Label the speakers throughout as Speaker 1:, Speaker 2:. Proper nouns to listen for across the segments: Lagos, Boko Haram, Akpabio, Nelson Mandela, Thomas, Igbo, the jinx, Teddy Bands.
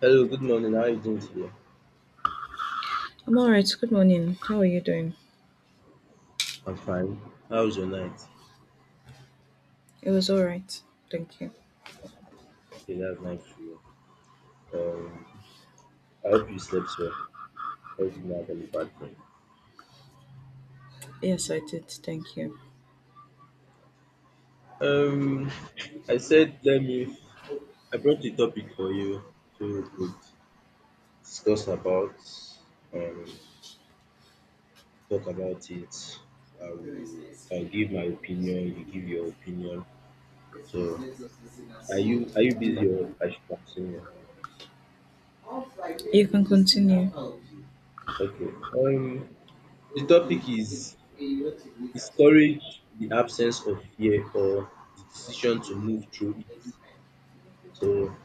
Speaker 1: Hello, good morning. How are you doing today?
Speaker 2: I'm all right. Good morning. How are you doing?
Speaker 1: I'm fine. How was your night?
Speaker 2: It was all right. Thank you.
Speaker 1: Okay, that's nice to hear. I hope you slept well. I hope you didn't have any bad dream.
Speaker 2: Yes, I did. Thank you.
Speaker 1: Um, I said let me. I brought the topic for you so we could discuss about, um, talk about it. I will. I'll give my opinion. You give your opinion. So, are you busy or I should continue?
Speaker 2: You can continue.
Speaker 1: Okay. Um, the topic is courage the absence of fear or the decision to move through it? So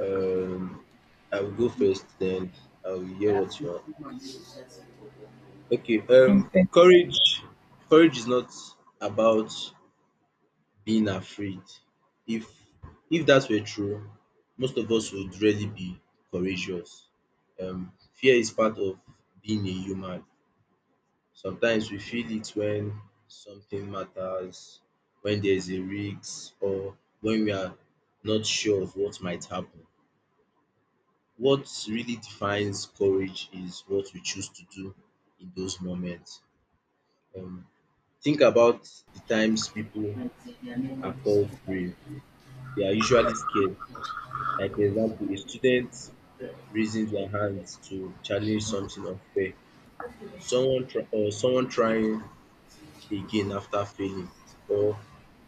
Speaker 1: um, I will go first, then I will hear what you have to say. Okay.
Speaker 2: Okay.
Speaker 1: Courage. Courage is not about being afraid. If if that were true, most of us would really be courageous. Fear is part of being a human. Sometimes we feel it when something matters, when there is a risk, or when we are not sure of what might happen. What really defines courage is what we choose to do in those moments. Um, think about the times people are called brave. They are usually scared. Like, for example, a student raising their hands to challenge something unfair, or someone trying again after failing, or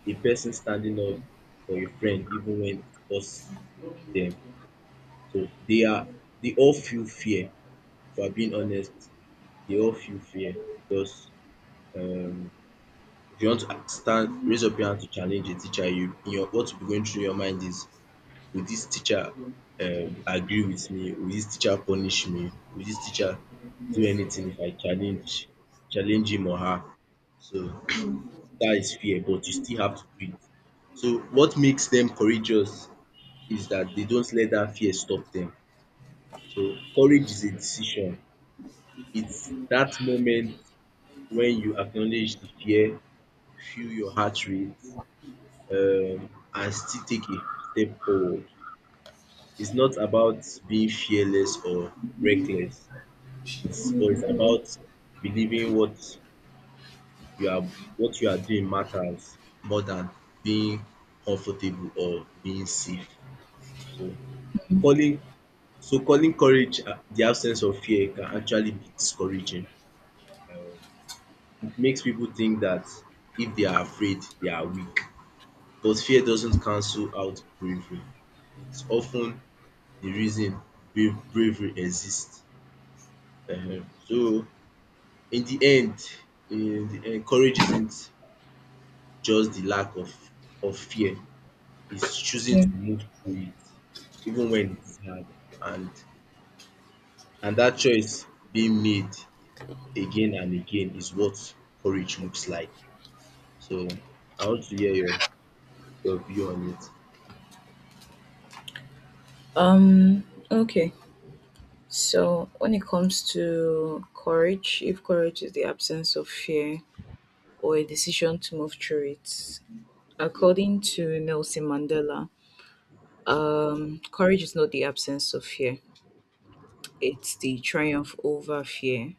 Speaker 1: a person standing up for a friend even when it costs them. So they all feel fear. If I'm being honest, they all feel fear because um if you want to stand raise up your hand to challenge a teacher, you in your what will be going through your mind is will this teacher agree with me? Will this teacher punish me? Will this teacher do anything if I challenge him or her? So that is fear, but you still have to do it. So what makes them courageous is that they don't let that fear stop them. So courage is a decision. It's that moment when you acknowledge the fear, feel your heart rate, and still take a step forward. It's not about being fearless or reckless. It's but it's about believing you are what you are doing matters more than being comfortable or being safe. So calling calling the absence of fear can actually be discouraging. Um, it makes people think that if they are afraid, they are weak. But fear doesn't cancel out bravery. It's often the reason bravery exists. Uh-huh. So in the end, in the end, courage isn't just the lack of fear. It's choosing
Speaker 2: Yeah.
Speaker 1: to move through it, even when it's hard, and and that choice being made again and again is what courage looks like. So I want to hear your view on it.
Speaker 2: Um. Okay. So when it comes to courage, if courage is the absence of fear or a decision to move through it, according to Nelson Mandela, courage is not the absence of fear; it's the triumph over fear.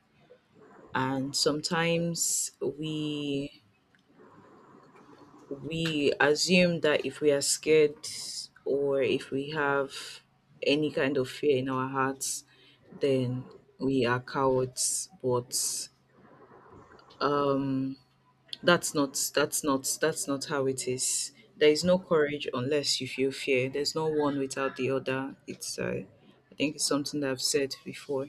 Speaker 2: And sometimes we assume that if we are scared or if we have any kind of fear in our hearts, then we are cowards. But um, that's not how it is. There is no courage unless you feel fear. There's no one without the other. It's I think it's something that I've said before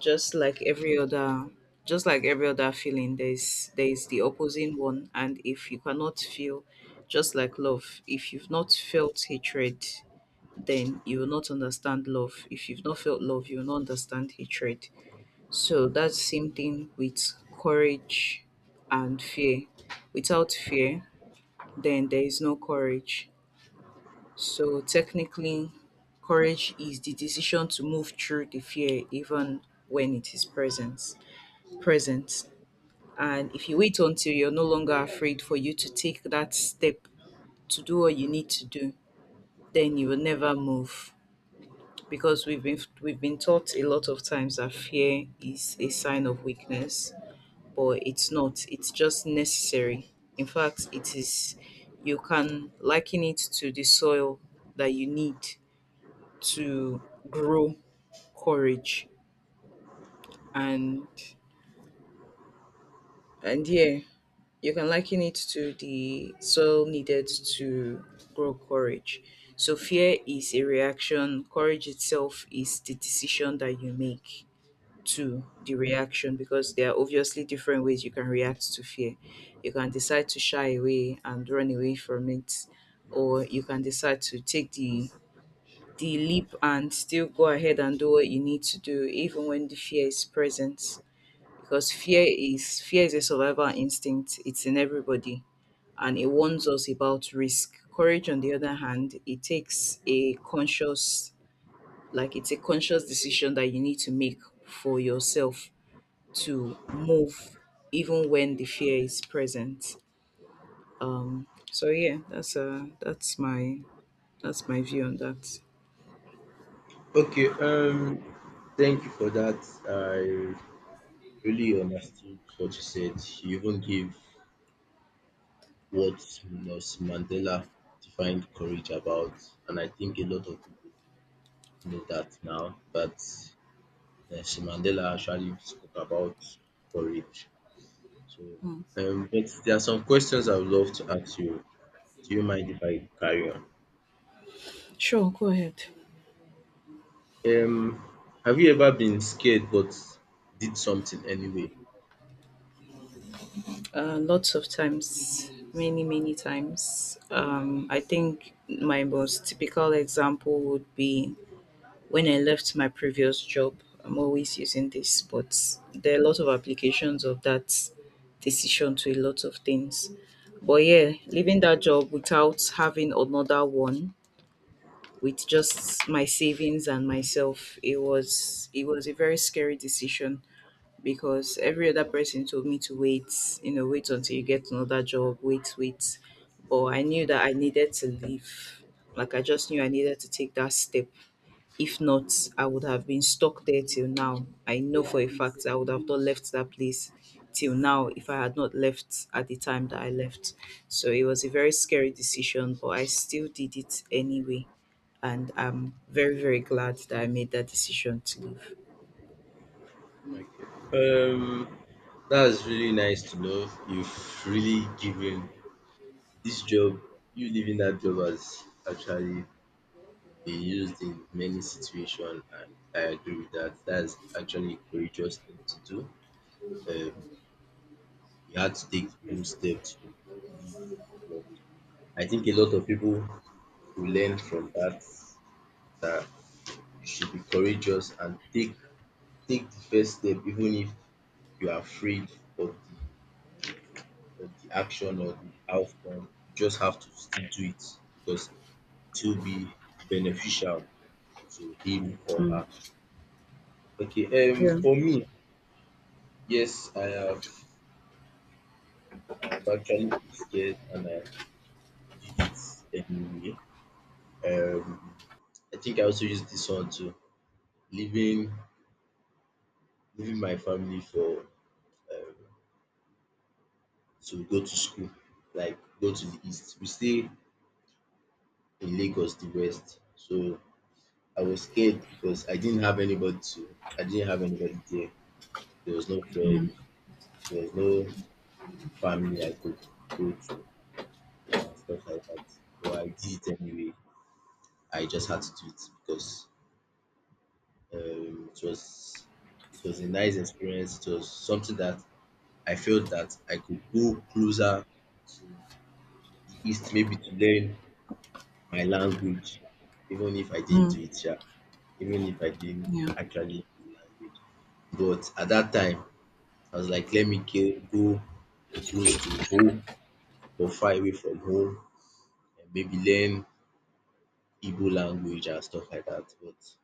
Speaker 2: just like every other just like every other feeling there's the opposing one. And if you cannot feel, just like love, if you've not felt hatred, then you will not understand love. If you've not felt love, you will not understand hatred. So that's same thing with courage and fear. Without fear, then there is no courage. So technically, courage is the decision to move through the fear even when it is present. And if you wait until you're no longer afraid for you to take that step to do what you need to do, then you will never move. Because we've been taught a lot of times that fear is a sign of weakness, but it's not. It's just necessary. In fact, it is, you can liken it to the soil that you need to grow courage. And and yeah You can liken it to the soil needed to grow courage. So, fear is a reaction, courage itself is the decision that you make to the reaction, because there are obviously different ways you can react to fear. You can decide to shy away and run away from it, or you can decide to take the leap and still go ahead and do what you need to do even when the fear is present, because fear is a survival instinct. It's in everybody, and it warns us about risk. Courage, on the other hand, it takes a conscious, like it's a conscious decision that you need to make for yourself to move, even when the fear is present. So yeah, that's my view on that.
Speaker 1: Okay, thank you for that. I really understood what you said. You even gave what Nelson Mandela defined courage about, and I think a lot of people know that now. But Nelson Mandela actually spoke about courage. So,
Speaker 2: Mm.
Speaker 1: but there are some questions I would love to ask you. Do you mind if I carry on?
Speaker 2: Sure, go ahead.
Speaker 1: Um, have you ever been scared but did something anyway?
Speaker 2: Lots of times, many times. I think my most typical example would be when I left my previous job. I'm always using this, but there are a lot of applications of that decision to a lot of things. But yeah, leaving that job without having another one, with just my savings and myself, it was a very scary decision, because every other person told me to wait, you know, wait until you get another job, wait. But I knew that I needed to leave. Like, I just knew I needed to take that step. If not, I would have been stuck there till now. I know for a fact I would have not left that place till now if I had not left at the time that I left. So it was a very scary decision, but I still did it anyway. And I'm very, very glad that I made that decision to leave.
Speaker 1: Okay. That's really nice to know. You've really given this job, you leaving that job has actually been used in many situations, and I agree with that. That's actually a courageous thing to do. Um, you had to take the bold steps to leave work. I think a lot of people will learn from that that you should be courageous and take the first step even if you are afraid of the action or the outcome. You just have to still do it because it will be beneficial to him or
Speaker 2: Mm,
Speaker 1: her. Okay,
Speaker 2: yeah.
Speaker 1: for me, yes, I've actually been scared and I did it anyway. Um I think I also used this one too, leaving leaving my family for um to go to school, like go to the east. We stay in Lagos, the west. So I was scared because I didn't have anybody there. There was no friend. There was no family I could go to, stuff like that. So I did it anyway. I just had to do it because um, it was it was a nice experience. It was something that I felt that I could go closer to the East, maybe to learn my language, even if I didn't do
Speaker 2: Mm,
Speaker 1: it, yeah. Even if I didn't
Speaker 2: yeah.
Speaker 1: actually do language. But at that time, I was like, let me get, go close to home or far away from home and maybe learn Igbo language and stuff like that. But it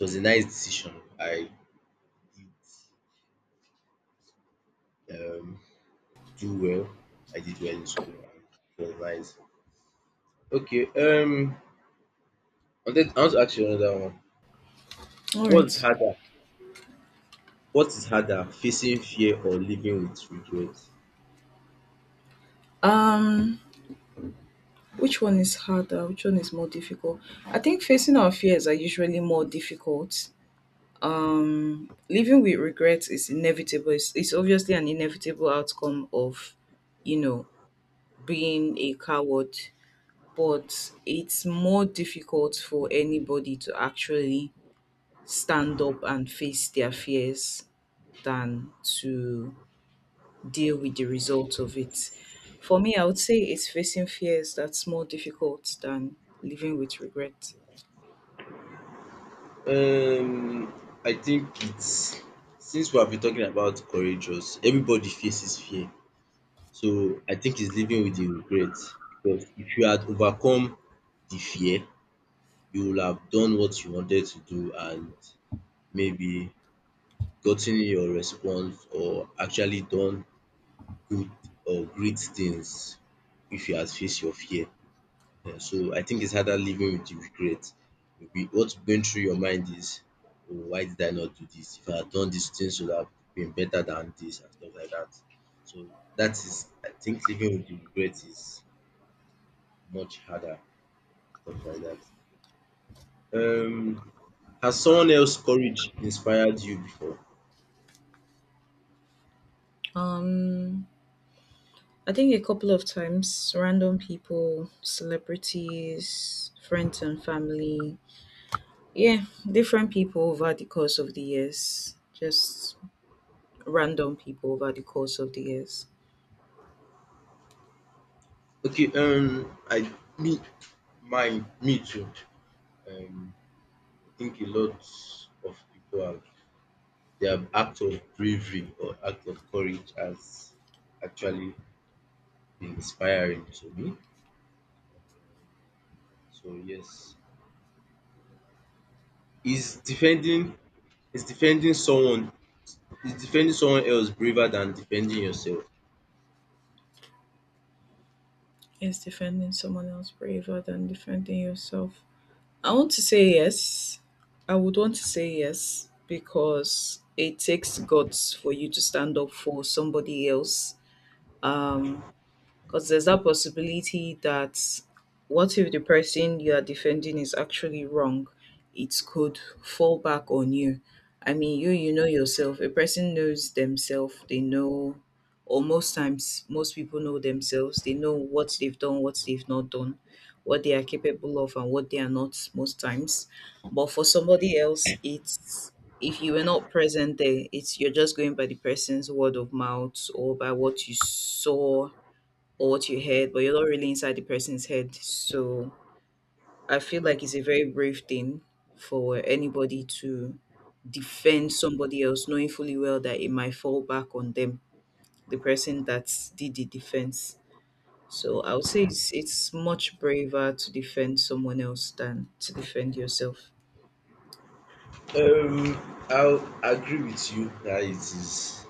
Speaker 1: was a nice decision. I did um, do well. I did well in school. And it was nice. Okay. I want to ask you another one.
Speaker 2: All
Speaker 1: What's
Speaker 2: right.
Speaker 1: harder? What is harder, facing fear or living with regret?
Speaker 2: Um, which one is harder? Which one is more difficult? I think facing our fears are usually more difficult. Um, living with regrets is inevitable. It's obviously an inevitable outcome of, you know, being a coward. But it's more difficult for anybody to actually stand up and face their fears than to deal with the result of it. For me, I would say it's facing fears that's more difficult than living with regret.
Speaker 1: Um, I think it's since we have been talking about courageous, everybody faces fear. So I think it's living with the regret because if you had overcome the fear, you would have done what you wanted to do and maybe gotten your response or actually done good or great things if you had faced your fear. Eh, so I think it's harder living with the regret. Maybe what's going through your mind is, oh, why did I not do this? If I had done this, things would have been better than this and stuff like that. So that is, I think living with the regret is much harder, stuff like that. Um, has someone else courage inspired you before?
Speaker 2: Um, I think a couple of times. Random people, celebrities, friends and family. Yeah, different people over the course of the years. Just random people over the course of the years.
Speaker 1: Okay, I me my me too. Um, I think a lot of people have their act of bravery or act of courage has actually been inspiring to me. So yes, is defending is defending someone is defending someone else braver than defending yourself?
Speaker 2: Is defending someone else braver than defending yourself? I want to say yes. I would want to say yes, because it takes guts for you to stand up for somebody else. Um, Because there's that possibility that, what if the person you are defending is actually wrong? It could fall back on you. I mean, you know yourself. A person knows themselves. They know, or most times, most people know themselves. They know what they've done, what they've not done, what they are capable of, and what they are not. Most times. But for somebody else, it's, if you were not present there, it's, you're just going by the person's word of mouth or by what you saw or what you heard, but you're not really inside the person's head. So I feel like it's a very brave thing for anybody to defend somebody else, knowing fully well that it might fall back on them, the person that did the defense. So I would say it's much braver to defend someone else than to defend yourself.
Speaker 1: Um, I'll agree with you that it is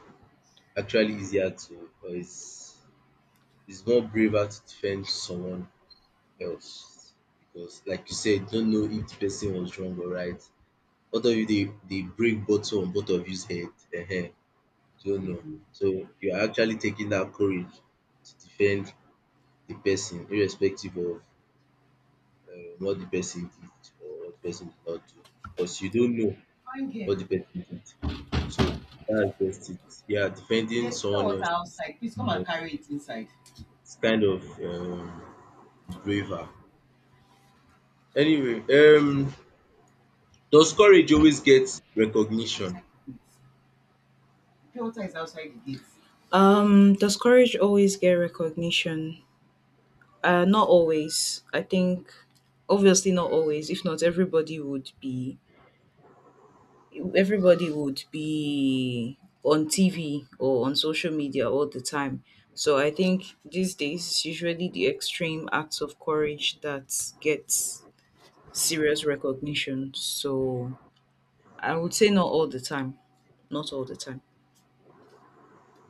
Speaker 1: actually easier to, or it's more braver to defend someone else because, like you said, you don't know if the person was wrong or right. Both of you, they break bottle on both of you's head. Ehen, you don't know. So you are actually taking that courage to defend the person, irrespective of what the person did or what the person did not do. Because you don't know what the person did. So that's just it. Yeah, defending someone else is um, it's kind of braver. Anyway, does courage always get recognition?
Speaker 2: Does courage always get recognition? Not always. I think obviously not always. If not, everybody would be on TV or on social media all the time. So I think these days it's usually the extreme acts of courage that gets serious recognition. So I would say not all the time. Not all the time.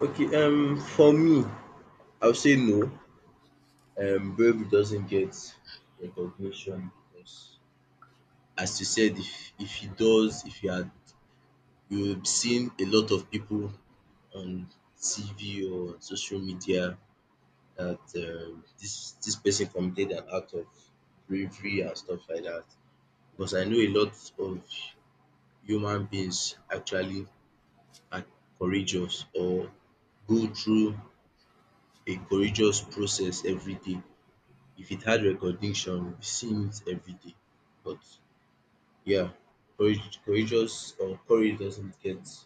Speaker 1: Okay, for me, I would say no. Bravery doesn't get recognition because, as you said, if it does, if you had you've seen a lot of people on TV or on social media that this person committed an act of bravery and stuff like that. Because I know a lot of human beings actually are courageous or go through a courageous process every day. If it had recognition, we've seen it every day. But yeah, courage doesn't get the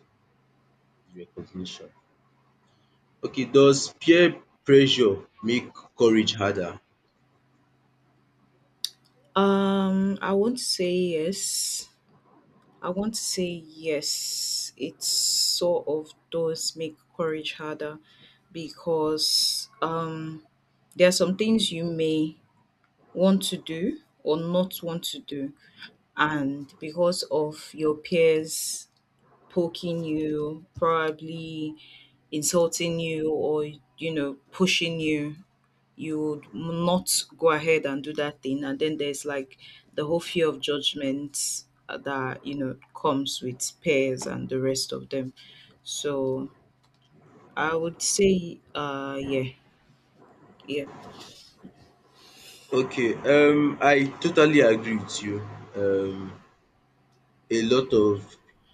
Speaker 1: recognition. Okay, does peer pressure make courage harder?
Speaker 2: Um, I want to say yes. I want to say yes. It sort of does make courage harder, because there are some things you may want to do or not want to do. And because of your peers poking you, probably insulting you, or, you know, pushing you, you would not go ahead and do that thing. And then there's like the whole fear of judgment, that, you know, comes with peers and the rest of them. So I would say, yeah, yeah.
Speaker 1: Okay, I totally agree with you. Um a lot of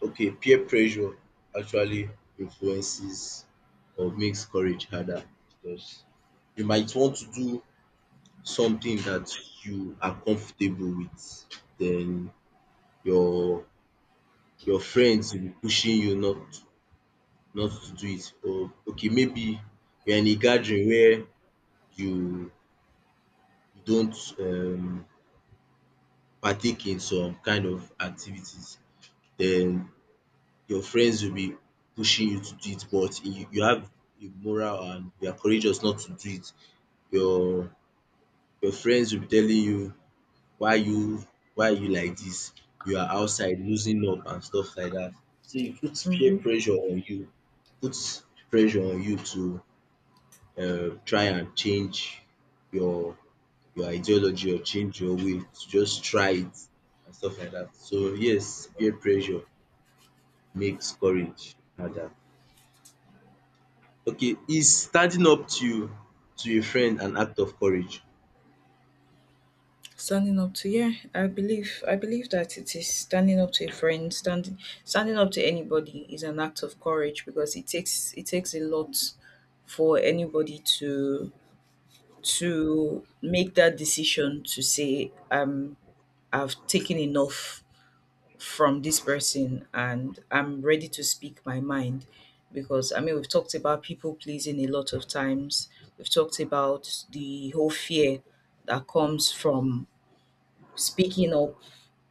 Speaker 1: Okay, peer pressure actually influences or makes courage harder because you might want to do something that you are comfortable with, then your your friends will be pushing you not to do it. Or okay, maybe you're in a gathering where you you don't partake in some kind of activities, then your friends will be pushing you to do it, but you have a moral and you are courageous not to do it. Your your friends will be telling you why you why you like this, you are outside losing up and stuff like that. So e put peer
Speaker 2: Mhm.
Speaker 1: pressure on you, put pressure on you to try and change your your ideology or change your way to just try it and stuff like that. So yes, peer pressure makes courage harder. Okay, is standing up to a friend an act of courage?
Speaker 2: Standing up to yeah, I believe that it is, standing up to anybody is an act of courage, because it takes a lot for anybody to make that decision to say, I've taken enough from this person and I'm ready to speak my mind. Because, I mean, we've talked about people pleasing a lot of times. We've talked about the whole fear that comes from speaking up.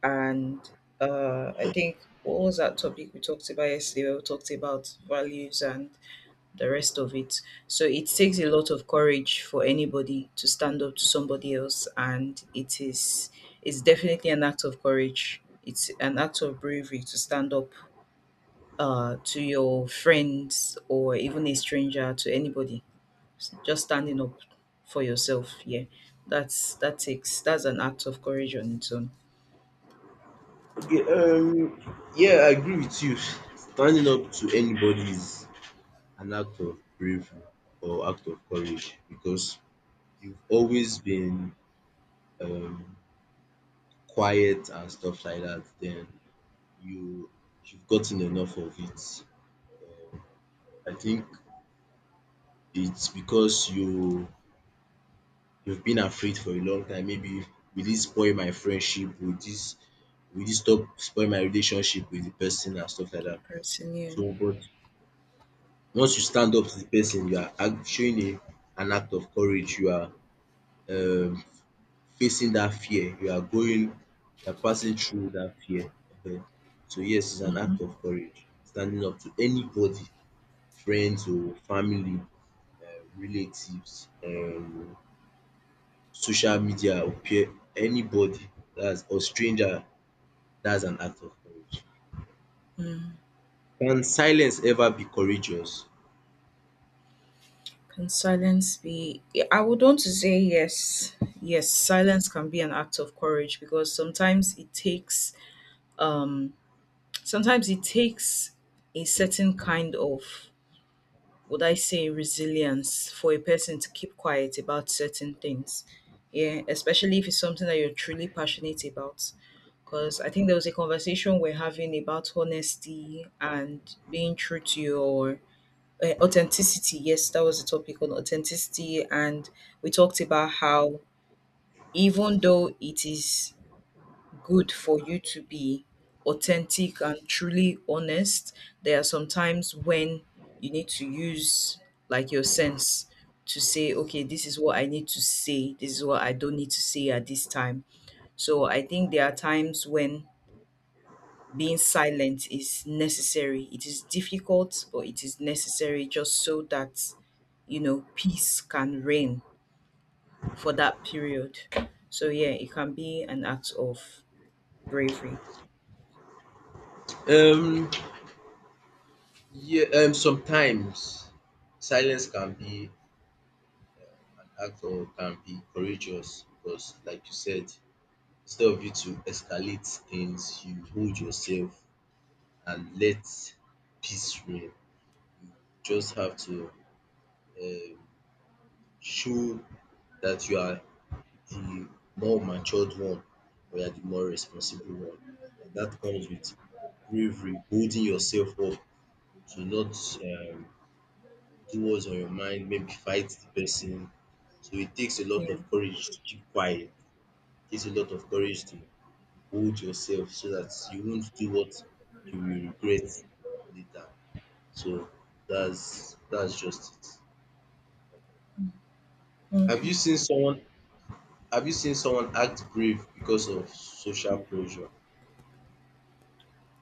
Speaker 2: And I think, what was that topic we talked about yesterday? Where we talked about values and the rest of it. So it takes a lot of courage for anybody to stand up to somebody else, and it's definitely an act of courage. It's an act of bravery to stand up, to your friends or even a stranger, to anybody. Just standing up for yourself, yeah. That's that takes that's an act of courage on its own.
Speaker 1: Okay, yeah, I agree with you. Standing up to anybody is an act of bravery or act of courage because you've always been um quiet and stuff like that, then you you've gotten enough of it. Um, I think it's because you've been afraid for a long time. Maybe will this spoil my friendship? Will you stop spoil my relationship with the person and stuff like that.
Speaker 2: Person,
Speaker 1: So but once you stand up to the person, you are act showing a an act of courage. You are um facing that fear. You are passing through that fear. um So yes, it's an act of courage. Standing up to anybody, friends o, family, relatives, social media or peer, anybody that's or stranger, that's an act of courage.
Speaker 2: yeah.
Speaker 1: Can silence ever be courageous?
Speaker 2: Can silence be? Yeah, I would want to say yes. Yes, silence can be an act of courage, because um sometimes it takes a certain kind of, would I say, resilience for a person to keep quiet about certain things. Yeah, especially if it's something that you're truly passionate about. Because I think there was a conversation we're having about honesty and being true to your authenticity. Yes, that was the topic on authenticity. And we talked about how, even though it is good for you to be authentic and truly honest, there are some times when you need to use, like, your sense to say, okay, this is what I need to say, this is what I don't need to say at this time. So I think there are times when being silent is necessary. It is difficult, but it is necessary, just so that, you know, peace can reign for that period. So, yeah, it can be an act of bravery.
Speaker 1: Um, yeah, Sometimes silence can be an act or can be courageous because, like you said, instead of you to escalate things, you hold yourself and let peace reign. Just have to um, show that you are the more matured one or you are the more responsible one. And that comes with bravery, holding yourself up to not um, do what's on your mind, maybe fight the person. So it takes a lot
Speaker 2: Yeah.
Speaker 1: of courage to keep quiet. It takes a lot of courage to hold yourself so that you won't do what you will regret later. So that's just it. Have
Speaker 2: Okay.
Speaker 1: you seen someone have you seen someone act brave because of social pressure?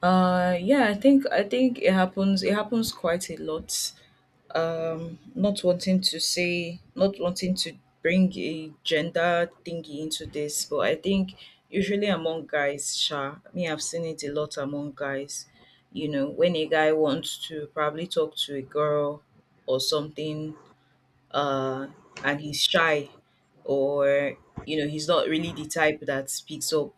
Speaker 2: Uh, yeah, I think, it happens, quite a lot. Um, not wanting to say, not wanting to bring a gender thingy into this, but I think usually among guys, sha, me, I've seen it a lot among guys. You know, when a guy wants to probably talk to a girl or something, uh, and he's shy, or, you know, he's not really the type that speaks up,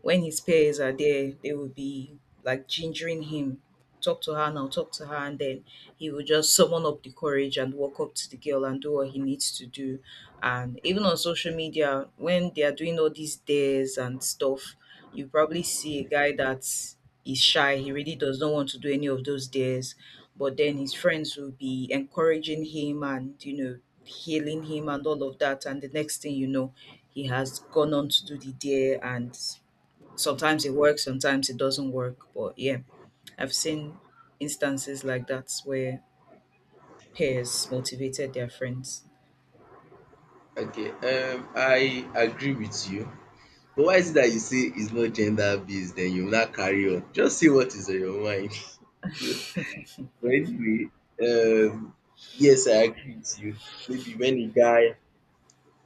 Speaker 2: when his peers are there, they will be, like, gingering him, talk to her now, talk to her. And then he will just summon up the courage and walk up to the girl and do what he needs to do. And even on social media, when they are doing all these dares and stuff, you probably see a guy that's is shy, he really does not want to do any of those dares. But then his friends will be encouraging him, and, you know, healing him and all of that, and the next thing you know, he has gone on to do the dare. And sometimes it works, sometimes it doesn't work. But yeah, I've seen instances like that where peers motivated their friends.
Speaker 1: Okay, I agree with you. But why is it that you say it's not gender based, then you will not carry on? Just say what is on your mind. But anyway, um yes I agree with you. Maybe when a guy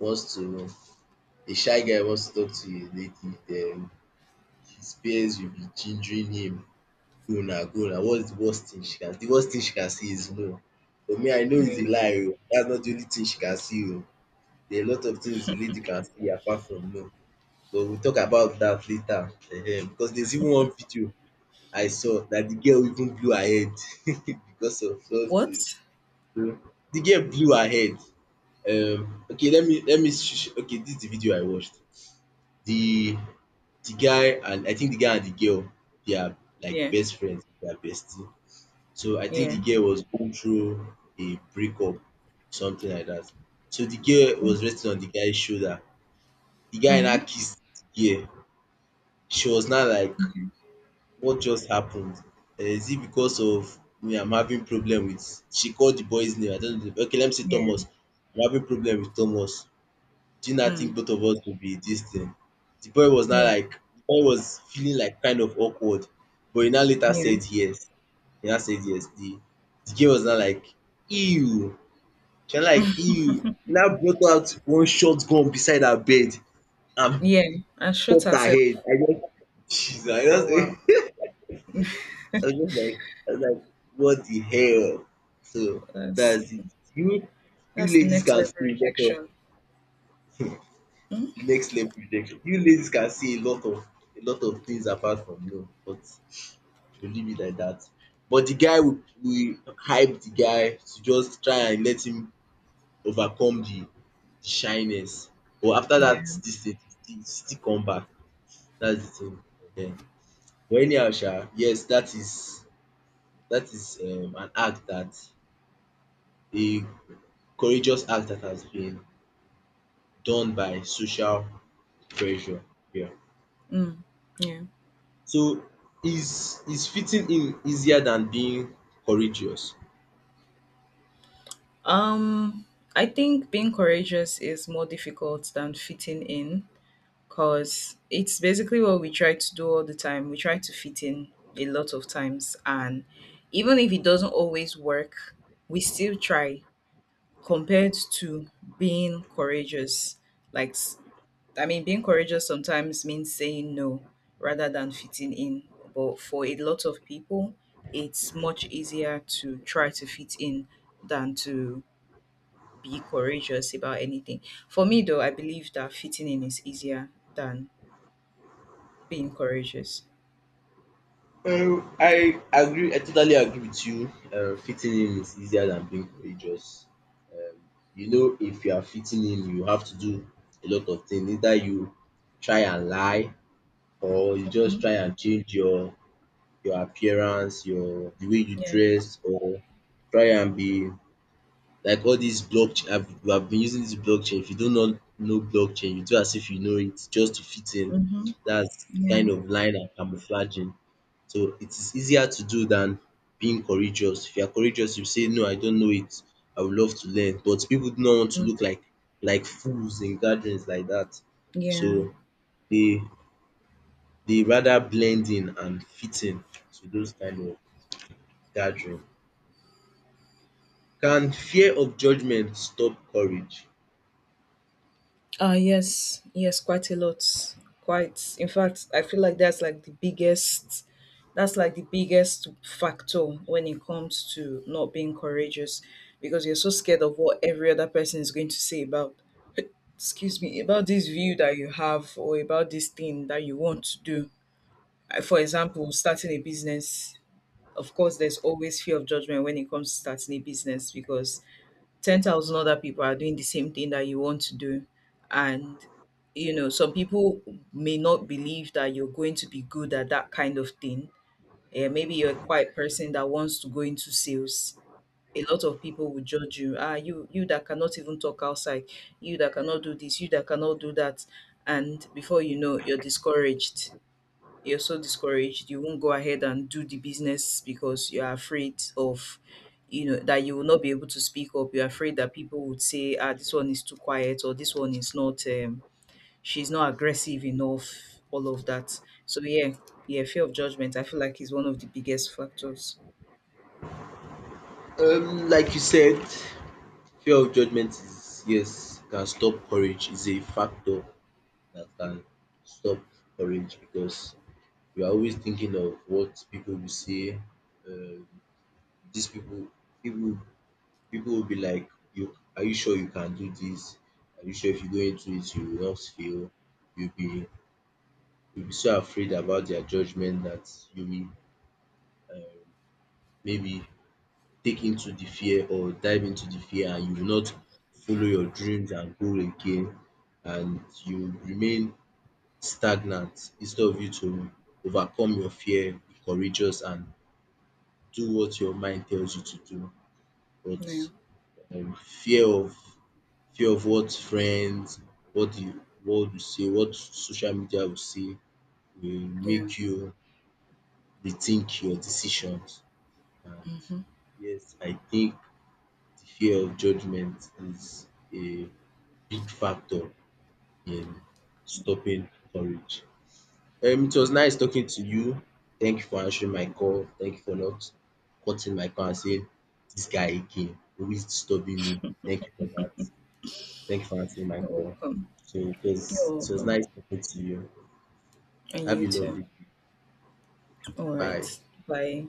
Speaker 1: wants to a shy guy wants to talk to a lady den his peers will be gingering him, “Go na, go na, what's the worst thing she can the worst thing she can say is no.” But me I know it's a
Speaker 2: Yeah.
Speaker 1: lie oo, that's not the only thing she can say oo. There are a lot of things a lady can say apart from no. But we'll talk about that later because there's even one video I saw that the girl even blew her head because of something.
Speaker 2: What?
Speaker 1: The girl blew her head. Okay, let me okay, this is the video I watched. The the guy and I think the guy and the girl, they are like
Speaker 2: Yeah.
Speaker 1: best friends, they are bestie. So I think
Speaker 2: Yeah.
Speaker 1: the girl was going through a breakup, something like that. So the girl was resting on the guy's shoulder. The guy now
Speaker 2: Mm-hmm.
Speaker 1: kissed the girl. She was now like,
Speaker 2: Okay.
Speaker 1: what just happened? Is it because of me I'm having problem with, she called the boy's name. I don't know. Okay, let me see,
Speaker 2: Yeah.
Speaker 1: Thomas. I'm having problem with Thomas. Do you now think
Speaker 2: Mm.
Speaker 1: both of us will be this thing?
Speaker 2: Yeah.
Speaker 1: The boy was feeling like kind of awkward but he now later
Speaker 2: Yeah.
Speaker 1: said yes. He now said yes. The girl was now like ew. She was like ew. She now brought out one shotgun beside her bed and
Speaker 2: Yeah, and shot
Speaker 1: popped her
Speaker 2: herself.
Speaker 1: head. I just Jesus I
Speaker 2: Oh,
Speaker 1: just
Speaker 2: wow.
Speaker 1: I was just like, I was like, what the hell? So
Speaker 2: that's
Speaker 1: that's it. You you
Speaker 2: that's
Speaker 1: ladies
Speaker 2: next
Speaker 1: can
Speaker 2: level
Speaker 1: see a lot of
Speaker 2: rejection. Mm,
Speaker 1: next level rejection. You ladies can see a lot of things apart from no, but we leave it like that. But the guy, we hype the guy to just try and let him overcome the shyness. But after that
Speaker 2: yeah.
Speaker 1: this thing still come back. That's the thing. Ehen. But anyhow sha, yes that is an act that a courageous act that has been done by social pressure. Yeah.
Speaker 2: Mm, yeah.
Speaker 1: So is fitting in easier than being courageous?
Speaker 2: Um, I think being courageous is more difficult than fitting in, because it's basically what we try to do all the time. We try to fit in a lot of times, and even if it doesn't always work, we still try, compared to being courageous. Like, I mean, being courageous sometimes means saying no rather than fitting in. But for a lot of people, it's much easier to try to fit in than to be courageous about anything. For me, though, I believe that fitting in is easier than being courageous.
Speaker 1: I agree, I totally agree with you. Fitting in is easier than being courageous. Um you know if you are fitting in you have to do a lot of things. Either you try and lie or you just
Speaker 2: Mhm.
Speaker 1: try and change your appearance, your the way you
Speaker 2: Yeah.
Speaker 1: dress or try and be like all dis block. We have been using this blockchain, if you do not know blockchain you do as if you know it just to fit in.
Speaker 2: Mm-hmm.
Speaker 1: That's
Speaker 2: Yeah.
Speaker 1: kind of lying and camouflaging. So it is easier to do than being courageous. If you are courageous you say no I don't know it, I would love to learn. But people do not want to
Speaker 2: Mm.
Speaker 1: look like fools in gatherings like that.
Speaker 2: Yeah.
Speaker 1: So they they rather blend in and fit in to those kind of gathering. Can fear of judgement stop courage?
Speaker 2: Uh, yes, yes, quite a lot. Quite. In fact, I feel like that's like the biggest, factor when it comes to not being courageous, because you're so scared of what every other person is going to say about, excuse me, about this view that you have or about this thing that you want to do. For example, starting a business, of course there's always fear of judgment when it comes to starting a business, because 10,000 other people are doing the same thing that you want to do. And, you know, some people may not believe that you're going to be good at that kind of thing. Eh, maybe you're a quiet person that wants to go into sales. A lot of people will judge you. Ah, you that cannot even talk outside, you that cannot do this, you that cannot do that. And before you know, you're so discouraged, you won't go ahead and do the business, because you're afraid of, you know, that you will not be able to speak up. You're afraid that people would say, ah, this one is too quiet, or this one is not, she's not aggressive enough, all of that. So yeah, yeah, fear of judgment, I feel like, is one of the biggest factors.
Speaker 1: Like you said, fear of judgment is, yes, can stop courage. It's a factor that can stop courage because you are always thinking of what people will say. Um, these people, people, People will be like, "You are, you sure you can do this? Are you sure if you go into it you will not fail?" You'll be you'll be so afraid about their judgment that you will maybe take into the fear or dive into the fear and you will not follow your dreams and goal again and you remain stagnant instead of you to overcome your fear, be courageous and do what your mind tells you to do. But
Speaker 2: Yeah.
Speaker 1: fear of what friends, what the world will say, what social media will say will
Speaker 2: Yeah.
Speaker 1: make you rethink your decisions and
Speaker 2: Mm-hmm.
Speaker 1: yes I think the fear of judgment is a big factor in stopping courage. It was nice talking to you. Thank you for answering my call. Thank you for not cutting my call and saying this guy again, always disturbing me. Thank you for that. Thank you for answering my
Speaker 2: You're
Speaker 1: call.
Speaker 2: welcome.
Speaker 1: So
Speaker 2: You're
Speaker 1: it was
Speaker 2: welcome.
Speaker 1: nice talking to you.
Speaker 2: And
Speaker 1: Have a
Speaker 2: you
Speaker 1: lovely
Speaker 2: too.
Speaker 1: day.
Speaker 2: All
Speaker 1: Bye.
Speaker 2: right. Bye.